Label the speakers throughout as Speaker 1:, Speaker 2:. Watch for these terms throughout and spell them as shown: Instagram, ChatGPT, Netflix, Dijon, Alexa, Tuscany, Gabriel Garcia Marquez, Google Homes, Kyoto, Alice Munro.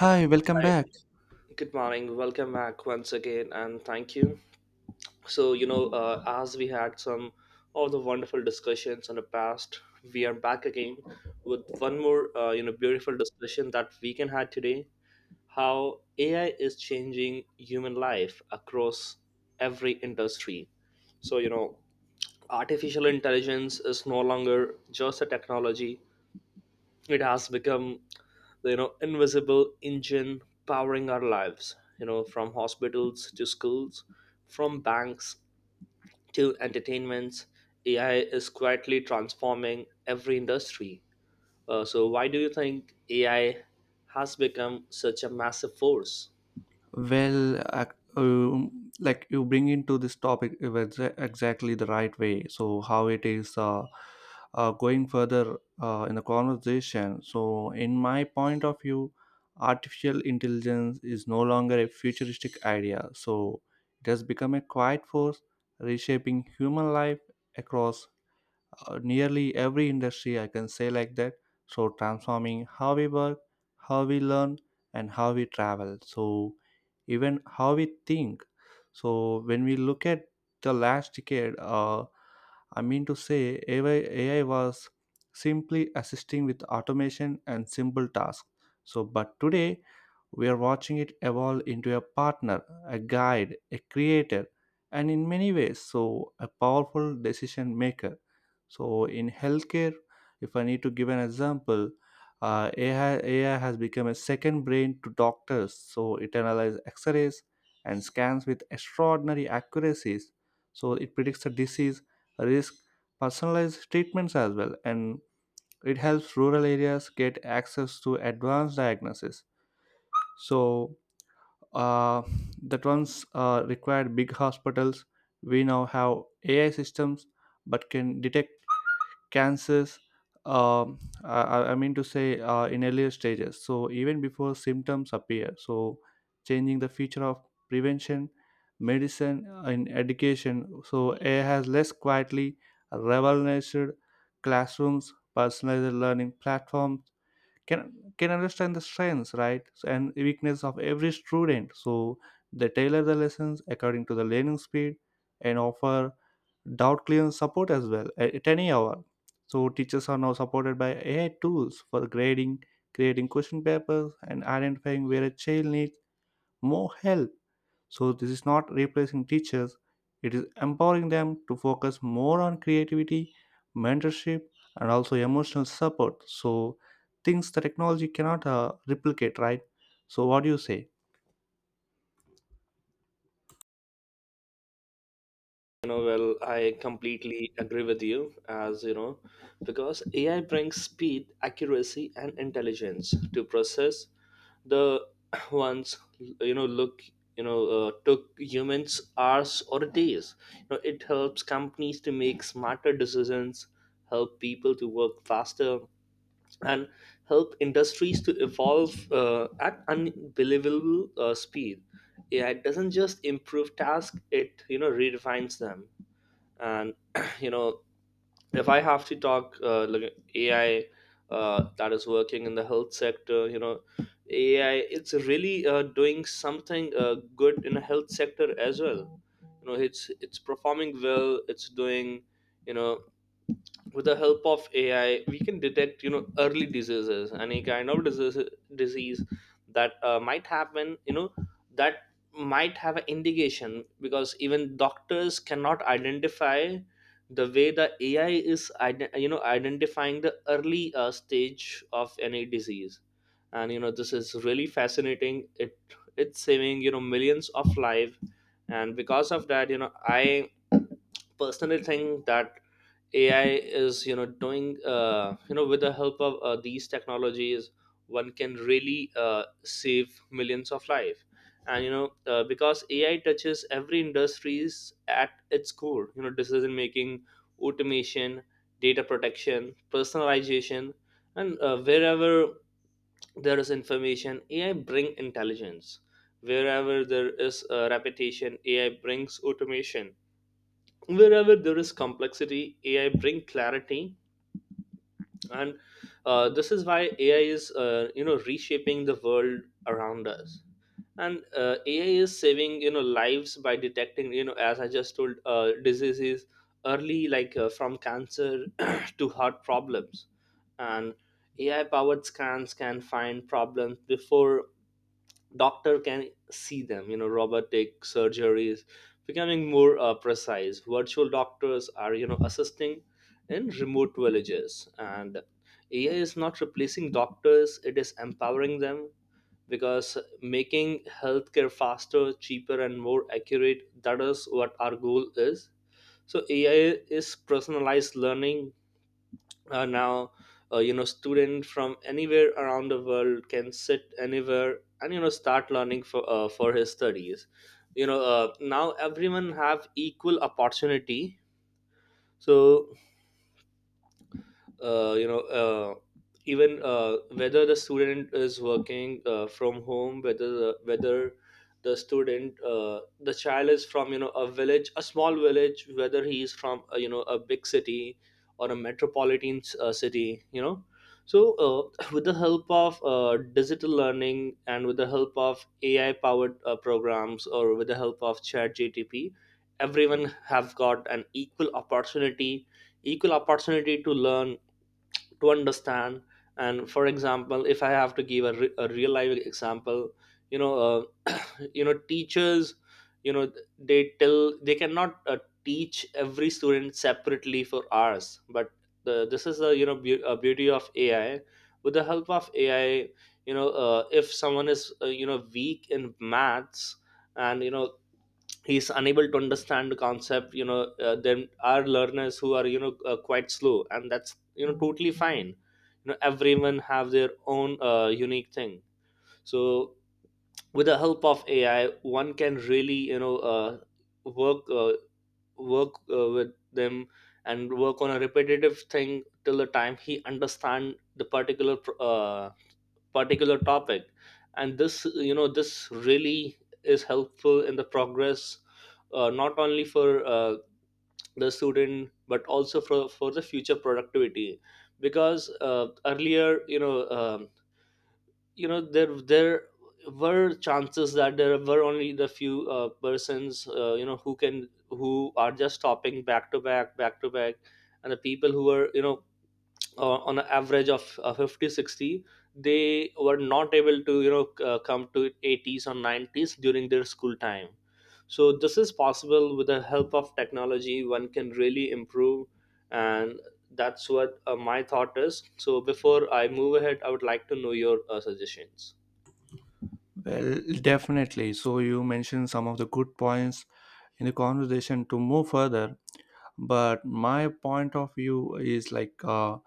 Speaker 1: Hi, welcome
Speaker 2: Hi,
Speaker 1: back.
Speaker 2: good morning. Welcome back once again, and thank you. As we had some of the wonderful discussions in the past, we are back again with one more, beautiful discussion that we can have today. How AI is changing human life across every industry. So, you know, artificial intelligence is no longer just a technology; it has become the invisible engine powering our lives, you know, from hospitals to schools, from banks to entertainments. AI is quietly transforming every industry. So why do you think AI has become such a massive force?
Speaker 1: Well, like you bring into this topic it was exactly the right way. So, how it is going further in the conversation. So, in my point of view, artificial intelligence is no longer a futuristic idea. So, it has become a quiet force reshaping human life across nearly every industry I can say like that, so transforming how we work, how we learn, and how we travel, so even how we think. So when we look at the last decade, I mean to say AI was simply assisting with automation and simple tasks, so but today we are watching it evolve into a partner, a guide, a creator, and in many ways, so a powerful decision maker. So, in healthcare, if I need to give an example, AI has become a second brain to doctors. So, it analyzes x rays and scans with extraordinary accuracies. So, it predicts the disease, risk, personalized treatments as well, and it helps rural areas get access to advanced diagnosis. So, uh, that once required big hospitals. We now have AI systems, but can detect cancers. I mean to say in earlier stages, so even before symptoms appear. So changing the feature of prevention, medicine, in education. So AI has less quietly revolutionized classrooms. Personalized learning platforms can can understand the strengths, right? So, and weakness of every student, so they tailor the lessons according to the learning speed and offer doubt clearance support as well at any hour. So teachers are now supported by ai tools for grading, creating question papers, and identifying where a child needs more help. So, this is not replacing teachers, it is empowering them to focus more on creativity, mentorship, and also emotional support. So, things the technology cannot replicate, right? So, what do you say?
Speaker 2: You know, well, I completely agree with you, as you know, because AI brings speed, accuracy, and intelligence to process the ones, you know, look, took humans hours or days. You know, it helps companies to make smarter decisions, help people to work faster, and help industries to evolve at unbelievable speed. AI doesn't just improve tasks; it redefines them. And you know, if I have to talk, like AI that is working in the health sector, you know, AI, it's really, doing something good in the health sector as well. You know, it's performing well, it's doing, you know, with the help of AI we can detect, you know, early diseases, any kind of disease that might happen, you know, that might have an indication, because even doctors cannot identify the way the AI is identifying the early stage of any disease. And you know, this is really fascinating. It's saving, you know, millions of life, and because of that, you know, I personally think that AI is, you know, doing, with the help of these technologies, one can really save millions of life. And you know, because AI touches every industries at its core. You know, decision making, automation, data protection, personalization, and wherever there is information, AI bring intelligence. Wherever there is repetition, AI brings automation. Wherever there is complexity, AI bring clarity. And this is why AI is, reshaping the world around us. And AI is saving, you know, lives by detecting, you know as I just told diseases early, like from cancer to heart problems. And AI powered scans can find problems before doctor can see them. You know, robotic surgeries becoming more precise, virtual doctors are, you know, assisting in remote villages. And AI is not replacing doctors, it is empowering them, because making healthcare faster, cheaper, and more accurate, that is what our goal is. So AI is personalized learning. Now You know, student from anywhere around the world can sit anywhere and, you know, start learning for his studies. You know, now everyone have equal opportunity. So uh, you know uh, even, whether the student is working, from home, whether the student, the child is from, you know, a village, a small village, whether he is from, a big city or a metropolitan city, you know. So with the help of digital learning and with the help of AI powered programs, or with the help of chat gtp, everyone have got an equal opportunity, equal opportunity to learn, to understand. And for example, if I have to give a real life example, you know uh, you know teachers, you know, they tell they cannot teach every student separately for hours. But this is the, beauty of AI. With the help of AI, you know, if someone is, weak in maths, and you know, he's unable to understand the concept, you know, then our learners who are, quite slow, and that's, you know, totally fine. You know, everyone have their own unique thing. So with the help of AI, one can really, work uh, work with them, and work on a repetitive thing till the time he understand the particular topic. And this, you know, this really is helpful in the progress, not only for the student, but also for the future productivity. Because earlier, you know, there were chances that there were only the few persons, you know, who can, who are just stopping back to back, back to back. And the people who are, you know, on an average of 50-60, they were not able to, come to 80s or 90s during their school time. So this is possible with the help of technology, one can really improve. And that's what my thought is. So before I move ahead, I would like to know your suggestions.
Speaker 1: Well, definitely. So you mentioned some of the good points in the conversation to move further, but my point of view is like,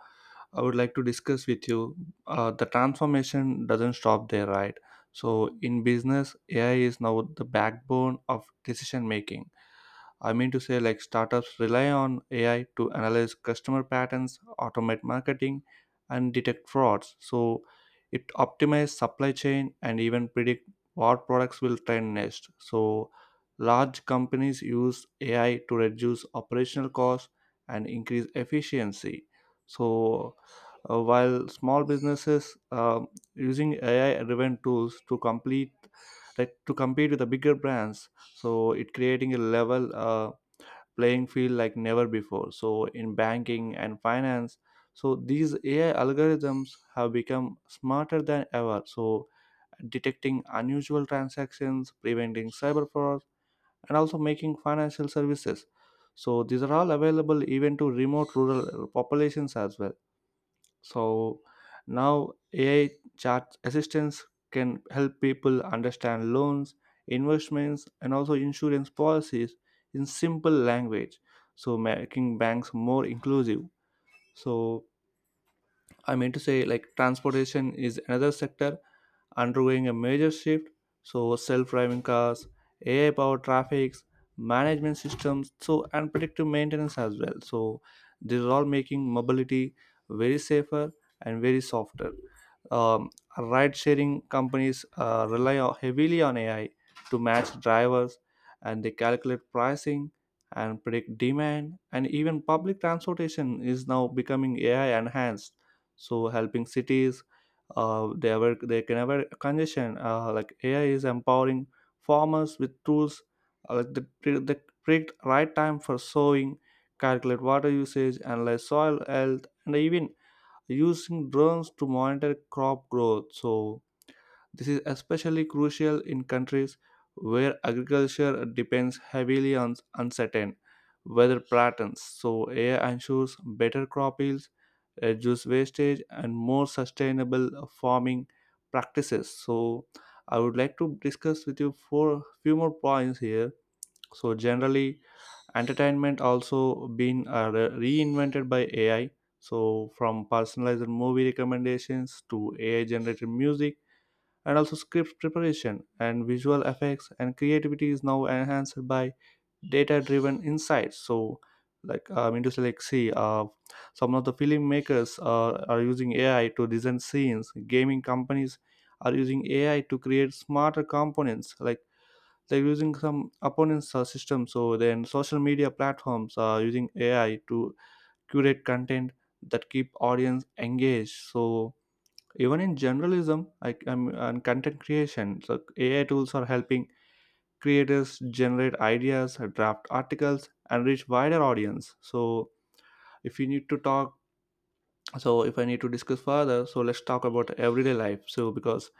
Speaker 1: I would like to discuss with you. The transformation doesn't stop there, right? So in business, AI is now the backbone of decision making. I mean to say, like startups rely on AI to analyze customer patterns, automate marketing, and detect frauds. So it optimizes supply chain and even predict what products will trend next. So large companies use AI to reduce operational costs and increase efficiency. So while small businesses using AI-driven tools to compete with the bigger brands, so it creating a level playing field like never before. So in banking and finance, so these AI algorithms have become smarter than ever. So detecting unusual transactions, preventing cyber fraud, and also making financial services. So these are all available even to remote rural populations as well. So now AI chat assistance can help people understand loans, investments, and also insurance policies in simple language. So making banks more inclusive. So I mean to say, like transportation is another sector undergoing a major shift. So, self driving cars, AI powered traffic, management systems, so and predictive maintenance as well. So, these are all making mobility very safer and very softer. Um, ride sharing companies heavily on AI to match drivers, and they calculate pricing and predict demand. And even public transportation is now becoming ai enhanced, so helping cities they ever they can ever congestion like ai is empowering farmers with tools like the predict right time for sowing, calculate water usage, analyze soil health, and even using drones to monitor crop growth. So this is especially crucial in countries where agriculture depends heavily on uncertain weather patterns. So, AI ensures better crop yields, reduced wastage, and more sustainable farming practices. So, I would like to discuss with you for few more points here. So, generally, entertainment also been reinvented by AI. So, from personalized movie recommendations to AI generated music and also script preparation and visual effects, and creativity is now enhanced by data driven insights. So like, I mean to say, like see, some of the filmmakers are using ai to design scenes. Gaming companies are using ai to create smarter components, like they're using some opponents system. So then social media platforms are using ai to curate content that keep audience engaged. So even in journalism I, am and content creation, so AI tools are helping creators generate ideas, draft articles, and reach wider audience. So if you need to talk, so if I need to discuss further, so let's talk about everyday life. So because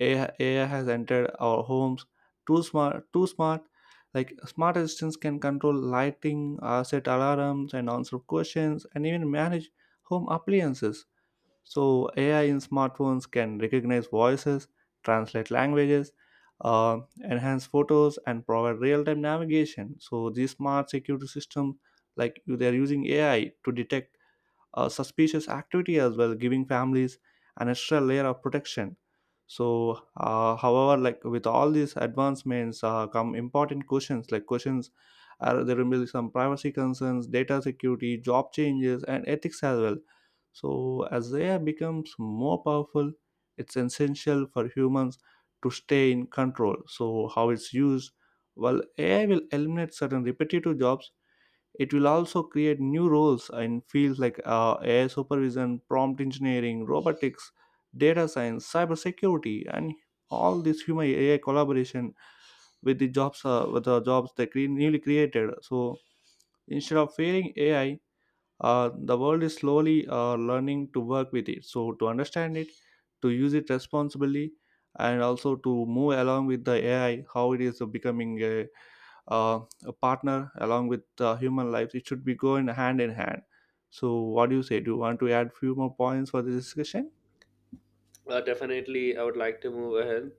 Speaker 1: AI has entered our homes too smart, too smart. Like smart assistants can control lighting, set alarms, and answer questions, and even manage home appliances. So, AI in smartphones can recognize voices, translate languages, enhance photos, and provide real time navigation. So, these smart security systems, like they are using AI to detect suspicious activity as well, giving families an extra layer of protection. So, however, like with all these advancements, come important questions like questions. There will be some privacy concerns, data security, job changes, and ethics as well. So, as AI becomes more powerful, it's essential for humans to stay in control. So, how it's used? Well, AI will eliminate certain repetitive jobs. It will also create new roles in fields like AI supervision, prompt engineering, robotics, data science, cybersecurity, and all this human AI collaboration with the jobs they newly created. So instead of fearing AI, the world is slowly learning to work with it. So to understand it, to use it responsibly, and also to move along with the AI, how it is becoming uh, a partner along with human lives. It should be going hand in hand. So what do you say? Do you want to add few more points for this discussion?
Speaker 2: Definitely, I would like to move ahead.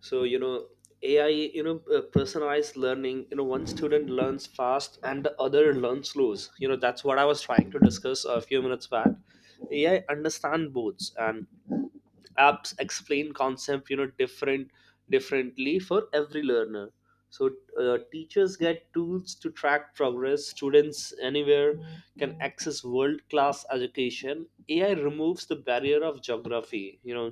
Speaker 2: So you know, AI, you know, personalized learning, you know, one student learns fast and the other learns slow. You know, that's what I was trying to discuss a few minutes back. AI understand both, and apps explain concept, you know, differently for every learner. So teachers get tools to track progress, students anywhere can access world class education. AI removes the barrier of geography. You know,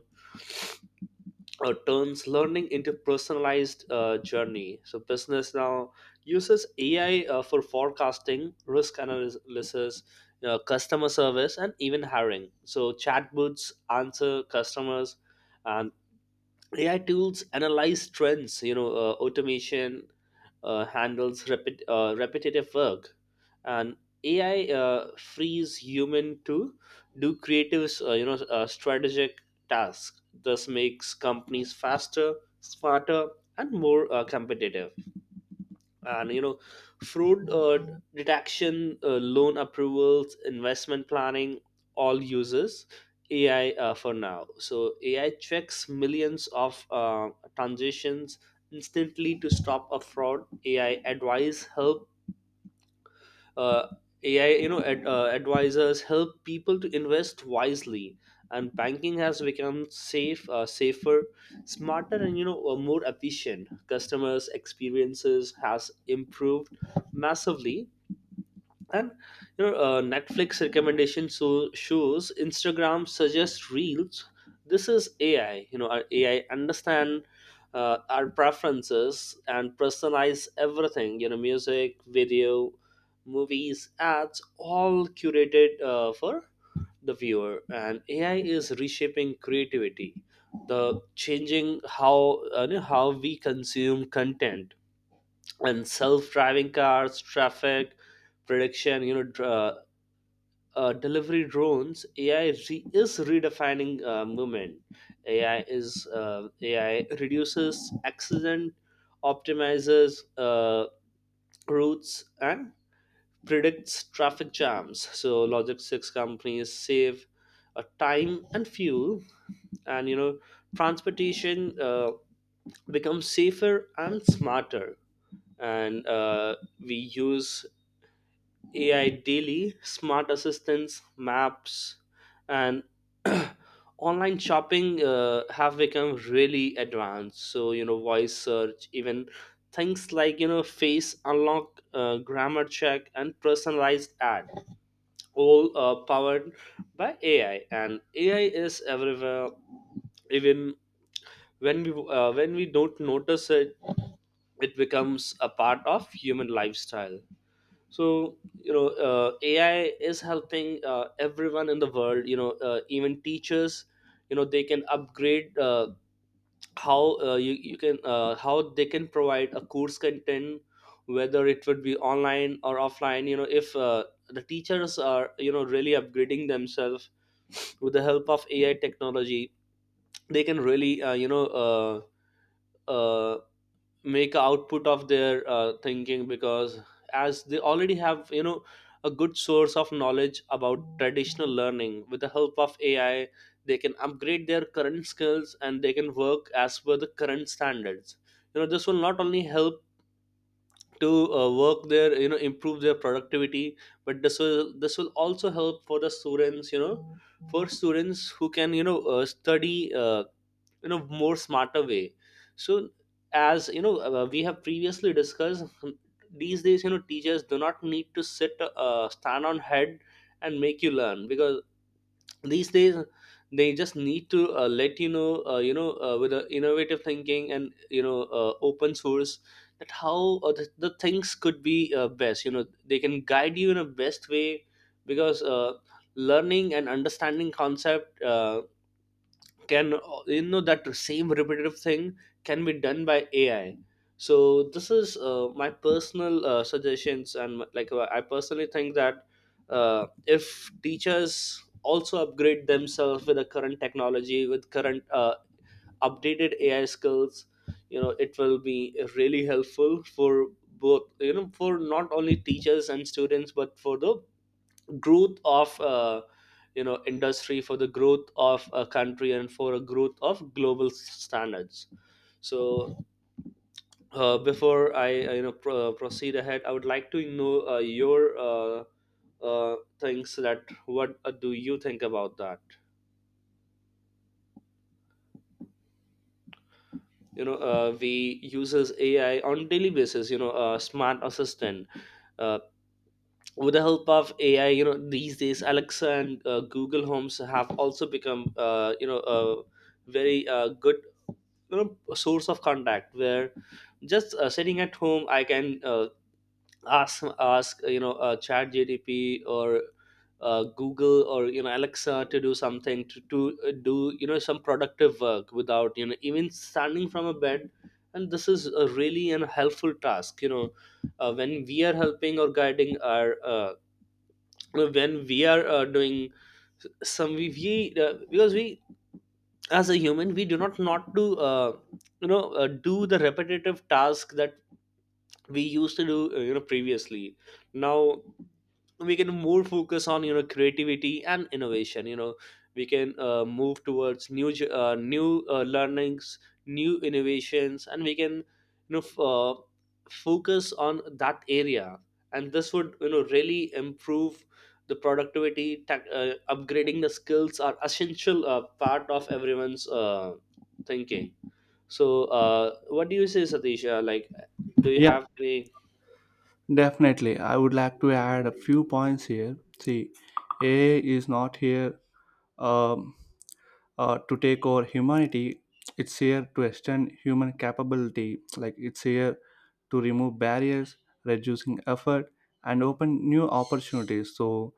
Speaker 2: turns learning into personalized journey. So business now uses AI for forecasting, risk analysis, customer service, and even hiring. So chatbots answer customers, and AI tools analyze trends. You know, automation handles repetitive work, and AI frees human to do creative, strategic tasks. This makes companies faster, smarter, and more competitive. And you know, fraud detection, loan approvals, investment planning, all uses AI for now. So AI checks millions of transactions instantly to stop a fraud. AI advice help, uh, AI, you know, ad, uh, advisors help people to invest wisely, and banking has become safer, smarter, and, more efficient. Customers' experiences has improved massively, and you know, Netflix recommendation so shows, Instagram suggests reels, this is AI. You know, our AI understand our preferences and personalize everything. You know, music, video, movies, ads, all curated for the viewer. And AI is reshaping creativity, the changing how, how we consume content. And self-driving cars, traffic prediction, you know, delivery drones, is redefining movement. AI reduces accident, optimizes uh, routes, and predicts traffic jams. So logistics companies save time and fuel. And you know, transportation becomes safer and smarter. And we use AI daily, smart assistants, maps, and online shopping have become really advanced. So, you know, voice search, even things like, you know, face unlock, grammar check, and personalized ad, all powered by AI. And AI is everywhere, even when we don't notice it, it becomes a part of human lifestyle. So you know, AI is helping everyone in the world. You know, even teachers, you know, they can upgrade, you can, how they can provide a course content, whether it would be online or offline. You know, if the teachers are, you know, really upgrading themselves with the help of AI technology, they can really, uh, make a output of their thinking. Because as they already have, you know, a good source of knowledge about traditional learning, with the help of AI they can upgrade their current skills, and they can work as per the current standards. You know, this will not only help to work there, you know, improve their productivity, but this will also help for the students. You know, for students who can, study, more smarter way. So as you know, we have previously discussed, these days, you know, teachers do not need to sit stand on head and make you learn, because these days they just need to let you know, with the innovative thinking, and you know, open source, that how, the things could be best. You know, they can guide you in a best way. Because learning and understanding concept can, you know, that same repetitive thing can be done by AI. So this is my personal suggestions. And like, I personally think that uh, if teachers also upgrade themselves with the current technology, with current updated AI skills, you know, it will be really helpful for both. You know, for not only teachers and students but for the growth of industry, for the growth of a country, and for a growth of global standards. So before I proceed ahead, I would like to know your things that what do you think about that. We uses AI on daily basis, smart assistant. uh, with the help of AI, these days Alexa and Google Homes have also become, very good, you know, a source of contact where just sitting at home I can ask chat gdp or google or alexa to do something, to do, you know, some productive work without, you know, even standing from a bed. And this is a really an helpful task, when we are helping or guiding our, when we are doing some, we because we as a human we do not not do, do the repetitive task that we used to do, previously. Now we can more focus on, you know, creativity and innovation. You know, we can move towards new learnings, new innovations, and we can, you know f- uh, focus on that area. And this would, you know, really improve the productivity. Upgrading the skills are essential part of everyone's thinking. So what do you say, satish? Like, do you
Speaker 1: Yeah,
Speaker 2: have any?
Speaker 1: definitely. I would like to add a few points here. See, AI is not here um, to take over humanity. It's here to extend human capability. Like it's here to remove barriers, reducing effort, and open new opportunities. So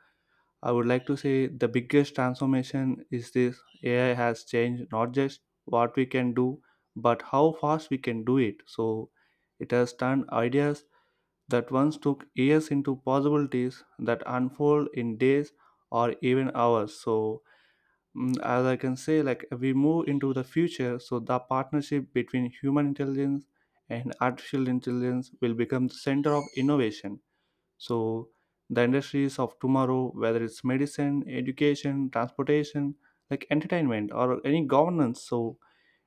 Speaker 1: I would like to say the biggest transformation is this: AI has changed not just what we can do, but how fast we can do it. So it has turned ideas that once took years into possibilities that unfold in days or even hours. So, as I can say, like we move into the future, so the partnership between human intelligence and artificial intelligence will become the center of innovation. So the industries of tomorrow, whether it's medicine, education, transportation, like entertainment or any governance, so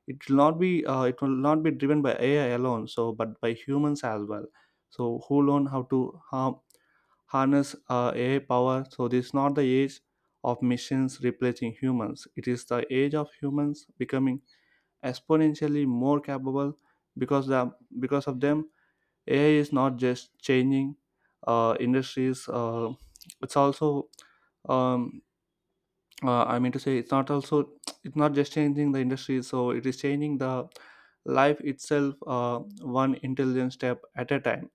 Speaker 1: it will not be driven by ai alone, so but by humans as well, so who learn how to har- harness ai power. So this is not the age of machines replacing humans. It is the age of humans becoming exponentially more capable because, because of them, ai is not just changing industries, it's also, um, I mean to say, it's not just changing the industry, so it is changing the life itself, one intelligent step at a time.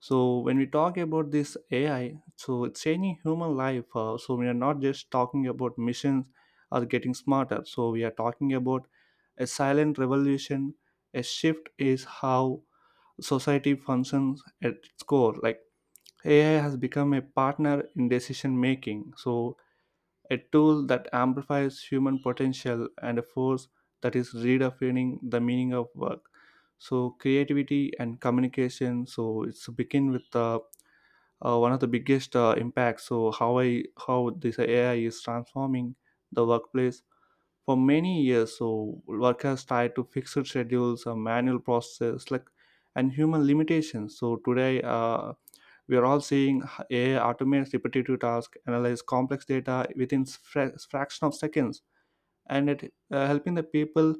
Speaker 1: So when we talk about this AI, so it's changing human life. So we are not just talking about missions or getting smarter. So we are talking about a silent revolution. A shift is how society functions at its core. Like AI has become a partner in decision making. So a tool that amplifies human potential and a force that is redefining the meaning of work, so creativity and communication, so it's begin with one of the biggest impacts. So how I how this ai is transforming the workplace. For many years, so workers has tied to fixed schedules, manual processes, like, and human limitations. So today, we are all seeing AI automate repetitive tasks, analyze complex data within fraction of seconds, and it helping the people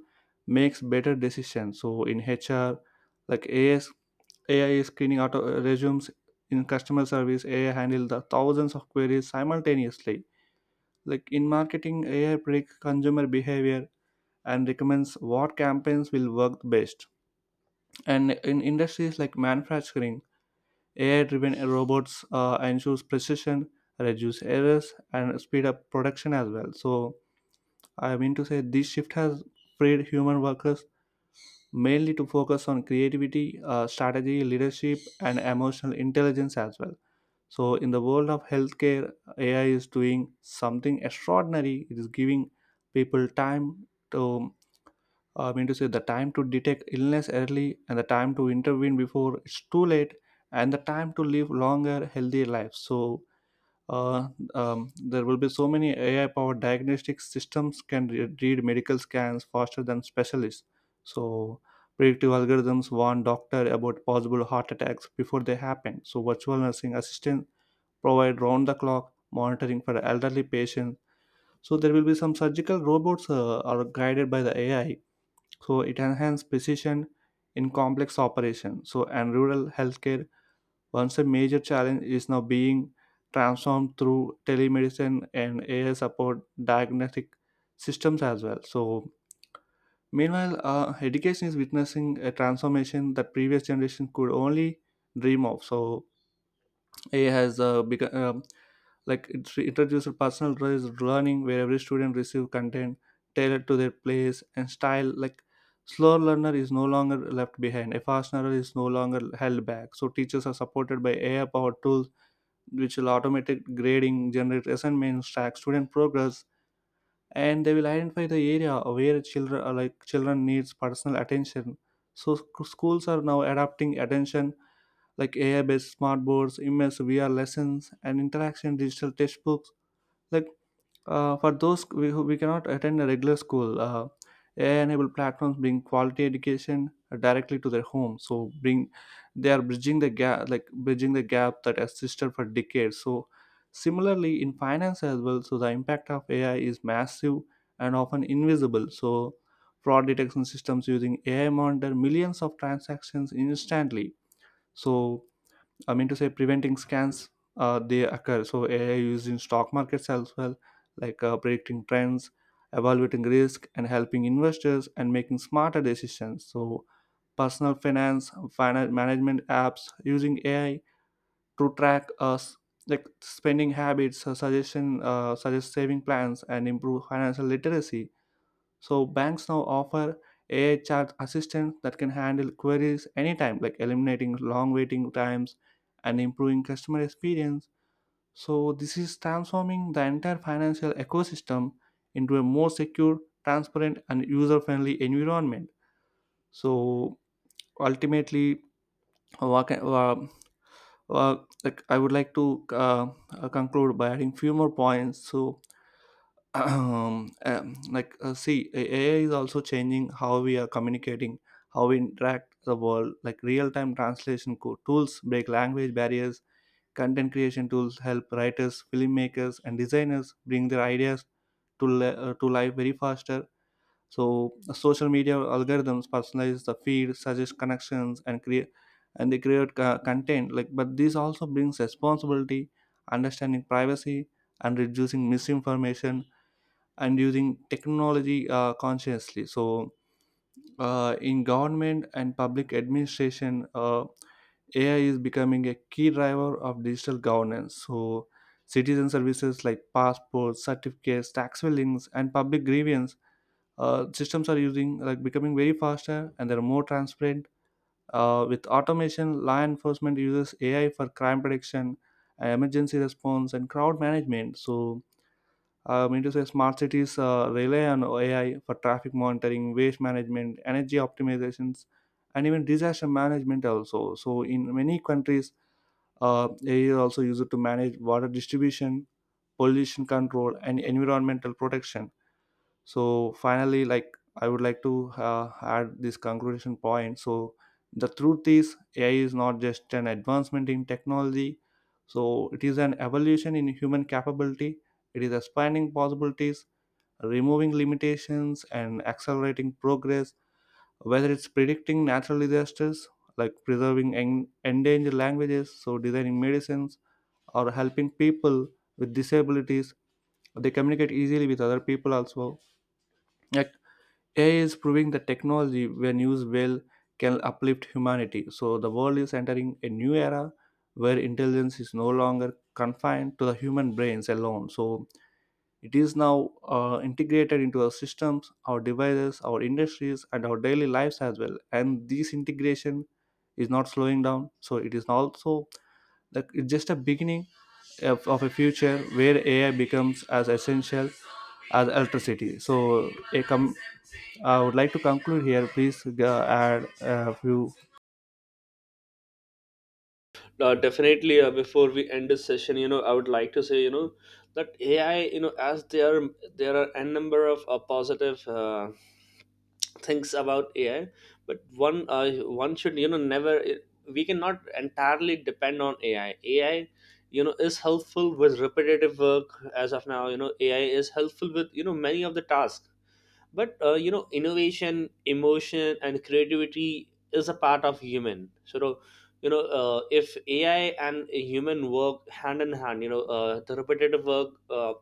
Speaker 1: makes better decisions. So in HR, like AI is A I is screening auto resumes in customer service. AI handle the thousands of queries simultaneously. Like in marketing, AI predicts consumer behavior and recommends what campaigns will work best. And in industries like manufacturing, AI-driven robots ensures precision, reduce errors, and speed up production as well. So I mean to say this shift has freed human workers mainly to focus on creativity, strategy, leadership, and emotional intelligence as well. So in the world of healthcare, AI is doing something extraordinary. It is giving people time to, I mean to say, the time to detect illness early, and the time to intervene before it's too late, and the time to live longer, healthier lives. So uh, there will be so many AI-powered diagnostic systems can read medical scans faster than specialists. So predictive algorithms warn doctor about possible heart attacks before they happen. So virtual nursing assistants provide round-the-clock monitoring for elderly patients. So there will be some surgical robots are guided by the AI, so it enhances precision in complex operation. So and rural healthcare, once a major challenge, is now being transformed through telemedicine and ai support diagnostic systems as well. So meanwhile, education is witnessing a transformation that previous generation could only dream of. So ai has become, like, it introduced personalized learning where every student receives content tailored to their place and style. Like slower learner is no longer left behind, a fast learner is no longer held back. So teachers are supported by ai powered tools which will automatic grading, generate assignments, track student progress, and they will identify the area where children are, like children needs personal attention. So schools are now adapting attention like ai based smart boards, immersive vr lessons, and interaction digital textbooks, like, for those who we cannot attend a regular school, AI-enabled platforms bring quality education directly to their home. So bring, they are bridging the gap, like bridging the gap that existed for decades. So similarly in finance as well. So the impact of AI is massive and often invisible. So fraud detection systems using AI monitor millions of transactions instantly. So I mean to say preventing scans they occur. So AI used in stock markets as well, like predicting trends, evaluating risk, and helping investors and making smarter decisions. So personal finance management apps using AI to track us like spending habits, suggest saving plans, and improve financial literacy. So banks now offer AI chat assistants that can handle queries anytime, like eliminating long waiting times and improving customer experience. So this is transforming the entire financial ecosystem into a more secure, transparent, and user-friendly environment. So ultimately, what can, uh, like I would like to conclude by adding few more points. So see, ai is also changing how we are communicating, how we interact the world, like real-time translation tools break language barriers, content creation tools help writers, filmmakers, and designers bring their ideas to, to life very faster. So social media algorithms personalize the feed, suggest connections, and create and they create content, like, but this also brings responsibility, understanding privacy, and reducing misinformation, and using technology consciously. So in government and public administration, ai is becoming a key driver of digital governance. So citizen services like passports, certificates, tax filings, and public grievance systems are using, like, becoming very faster and they're more transparent with automation. Law enforcement uses ai for crime prediction, emergency response, and crowd management. So I mean to say smart cities rely on AI for traffic monitoring, waste management, energy optimizations, and even disaster management also. So in many countries, AI is also used to manage water distribution, pollution control, and environmental protection. So finally, like, I would like to add this conclusion point. So the truth is, AI is not just an advancement in technology. So it is an evolution in human capability. It is expanding possibilities, removing limitations, and accelerating progress, whether it's predicting natural disasters, like preserving endangered languages, so designing medicines, or helping people with disabilities. They communicate easily with other people also. Like AI is proving that technology, when used well, can uplift humanity. So the world is entering a new era where intelligence is no longer confined to the human brains alone. So it is now integrated into our systems, our devices, our industries, and our daily lives as well. And this integration is not slowing down. So it is also, like, it's just a beginning of a future where AI becomes as essential as electricity. So I would like to conclude here. Please add a few.
Speaker 2: Definitely. Before we end this session, you know, I would like to say, you know, that AI, you know as there there are a number of positive things about AI. But one should, you know, never, we cannot entirely depend on AI. You know, is helpful with repetitive work. As of now, you know, AI is helpful with, you know, many of the tasks. But you know, innovation, emotion, and creativity is a part of human. So if AI and a human work hand in hand, the repetitive work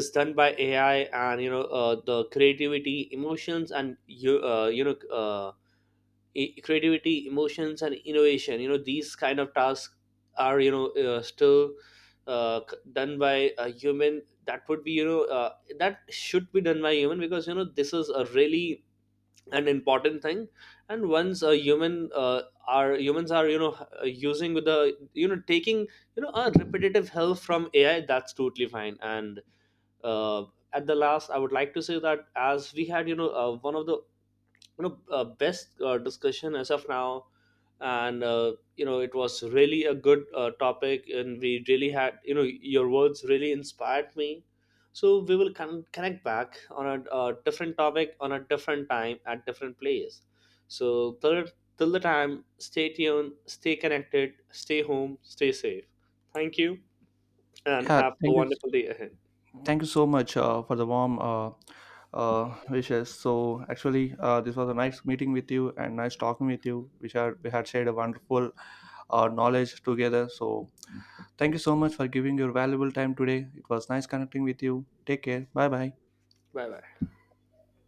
Speaker 2: is done by AI, and, you know, the creativity, emotions, and uh, creativity, emotions, and innovation, you know, these kind of tasks are, still done by a human. That would be, you know, that should be done by human, because, you know, this is a really an important thing. And once a human are humans are, you know, using with the, you know, taking, you know, a repetitive help from AI, that's totally fine. And uh, at the last, I would like to say that as we had, you know, one of the, you know, best discussion as of now, and you know, it was really a good topic, and we really had, you know, your words really inspired me. So we will connect back on a different topic, on a different time, at different place. So till the time, stay tuned, stay connected, stay home, stay safe. Thank you, and
Speaker 1: Yeah,
Speaker 2: have a
Speaker 1: thank you.
Speaker 2: wonderful day ahead.
Speaker 1: Thank you so much for the warm wishes. So actually, this was a nice meeting with you and nice talking with you. We had shared a wonderful knowledge together. So thank you so much for giving your valuable time today. It was nice connecting with you. Take care. Bye bye.
Speaker 2: Bye bye.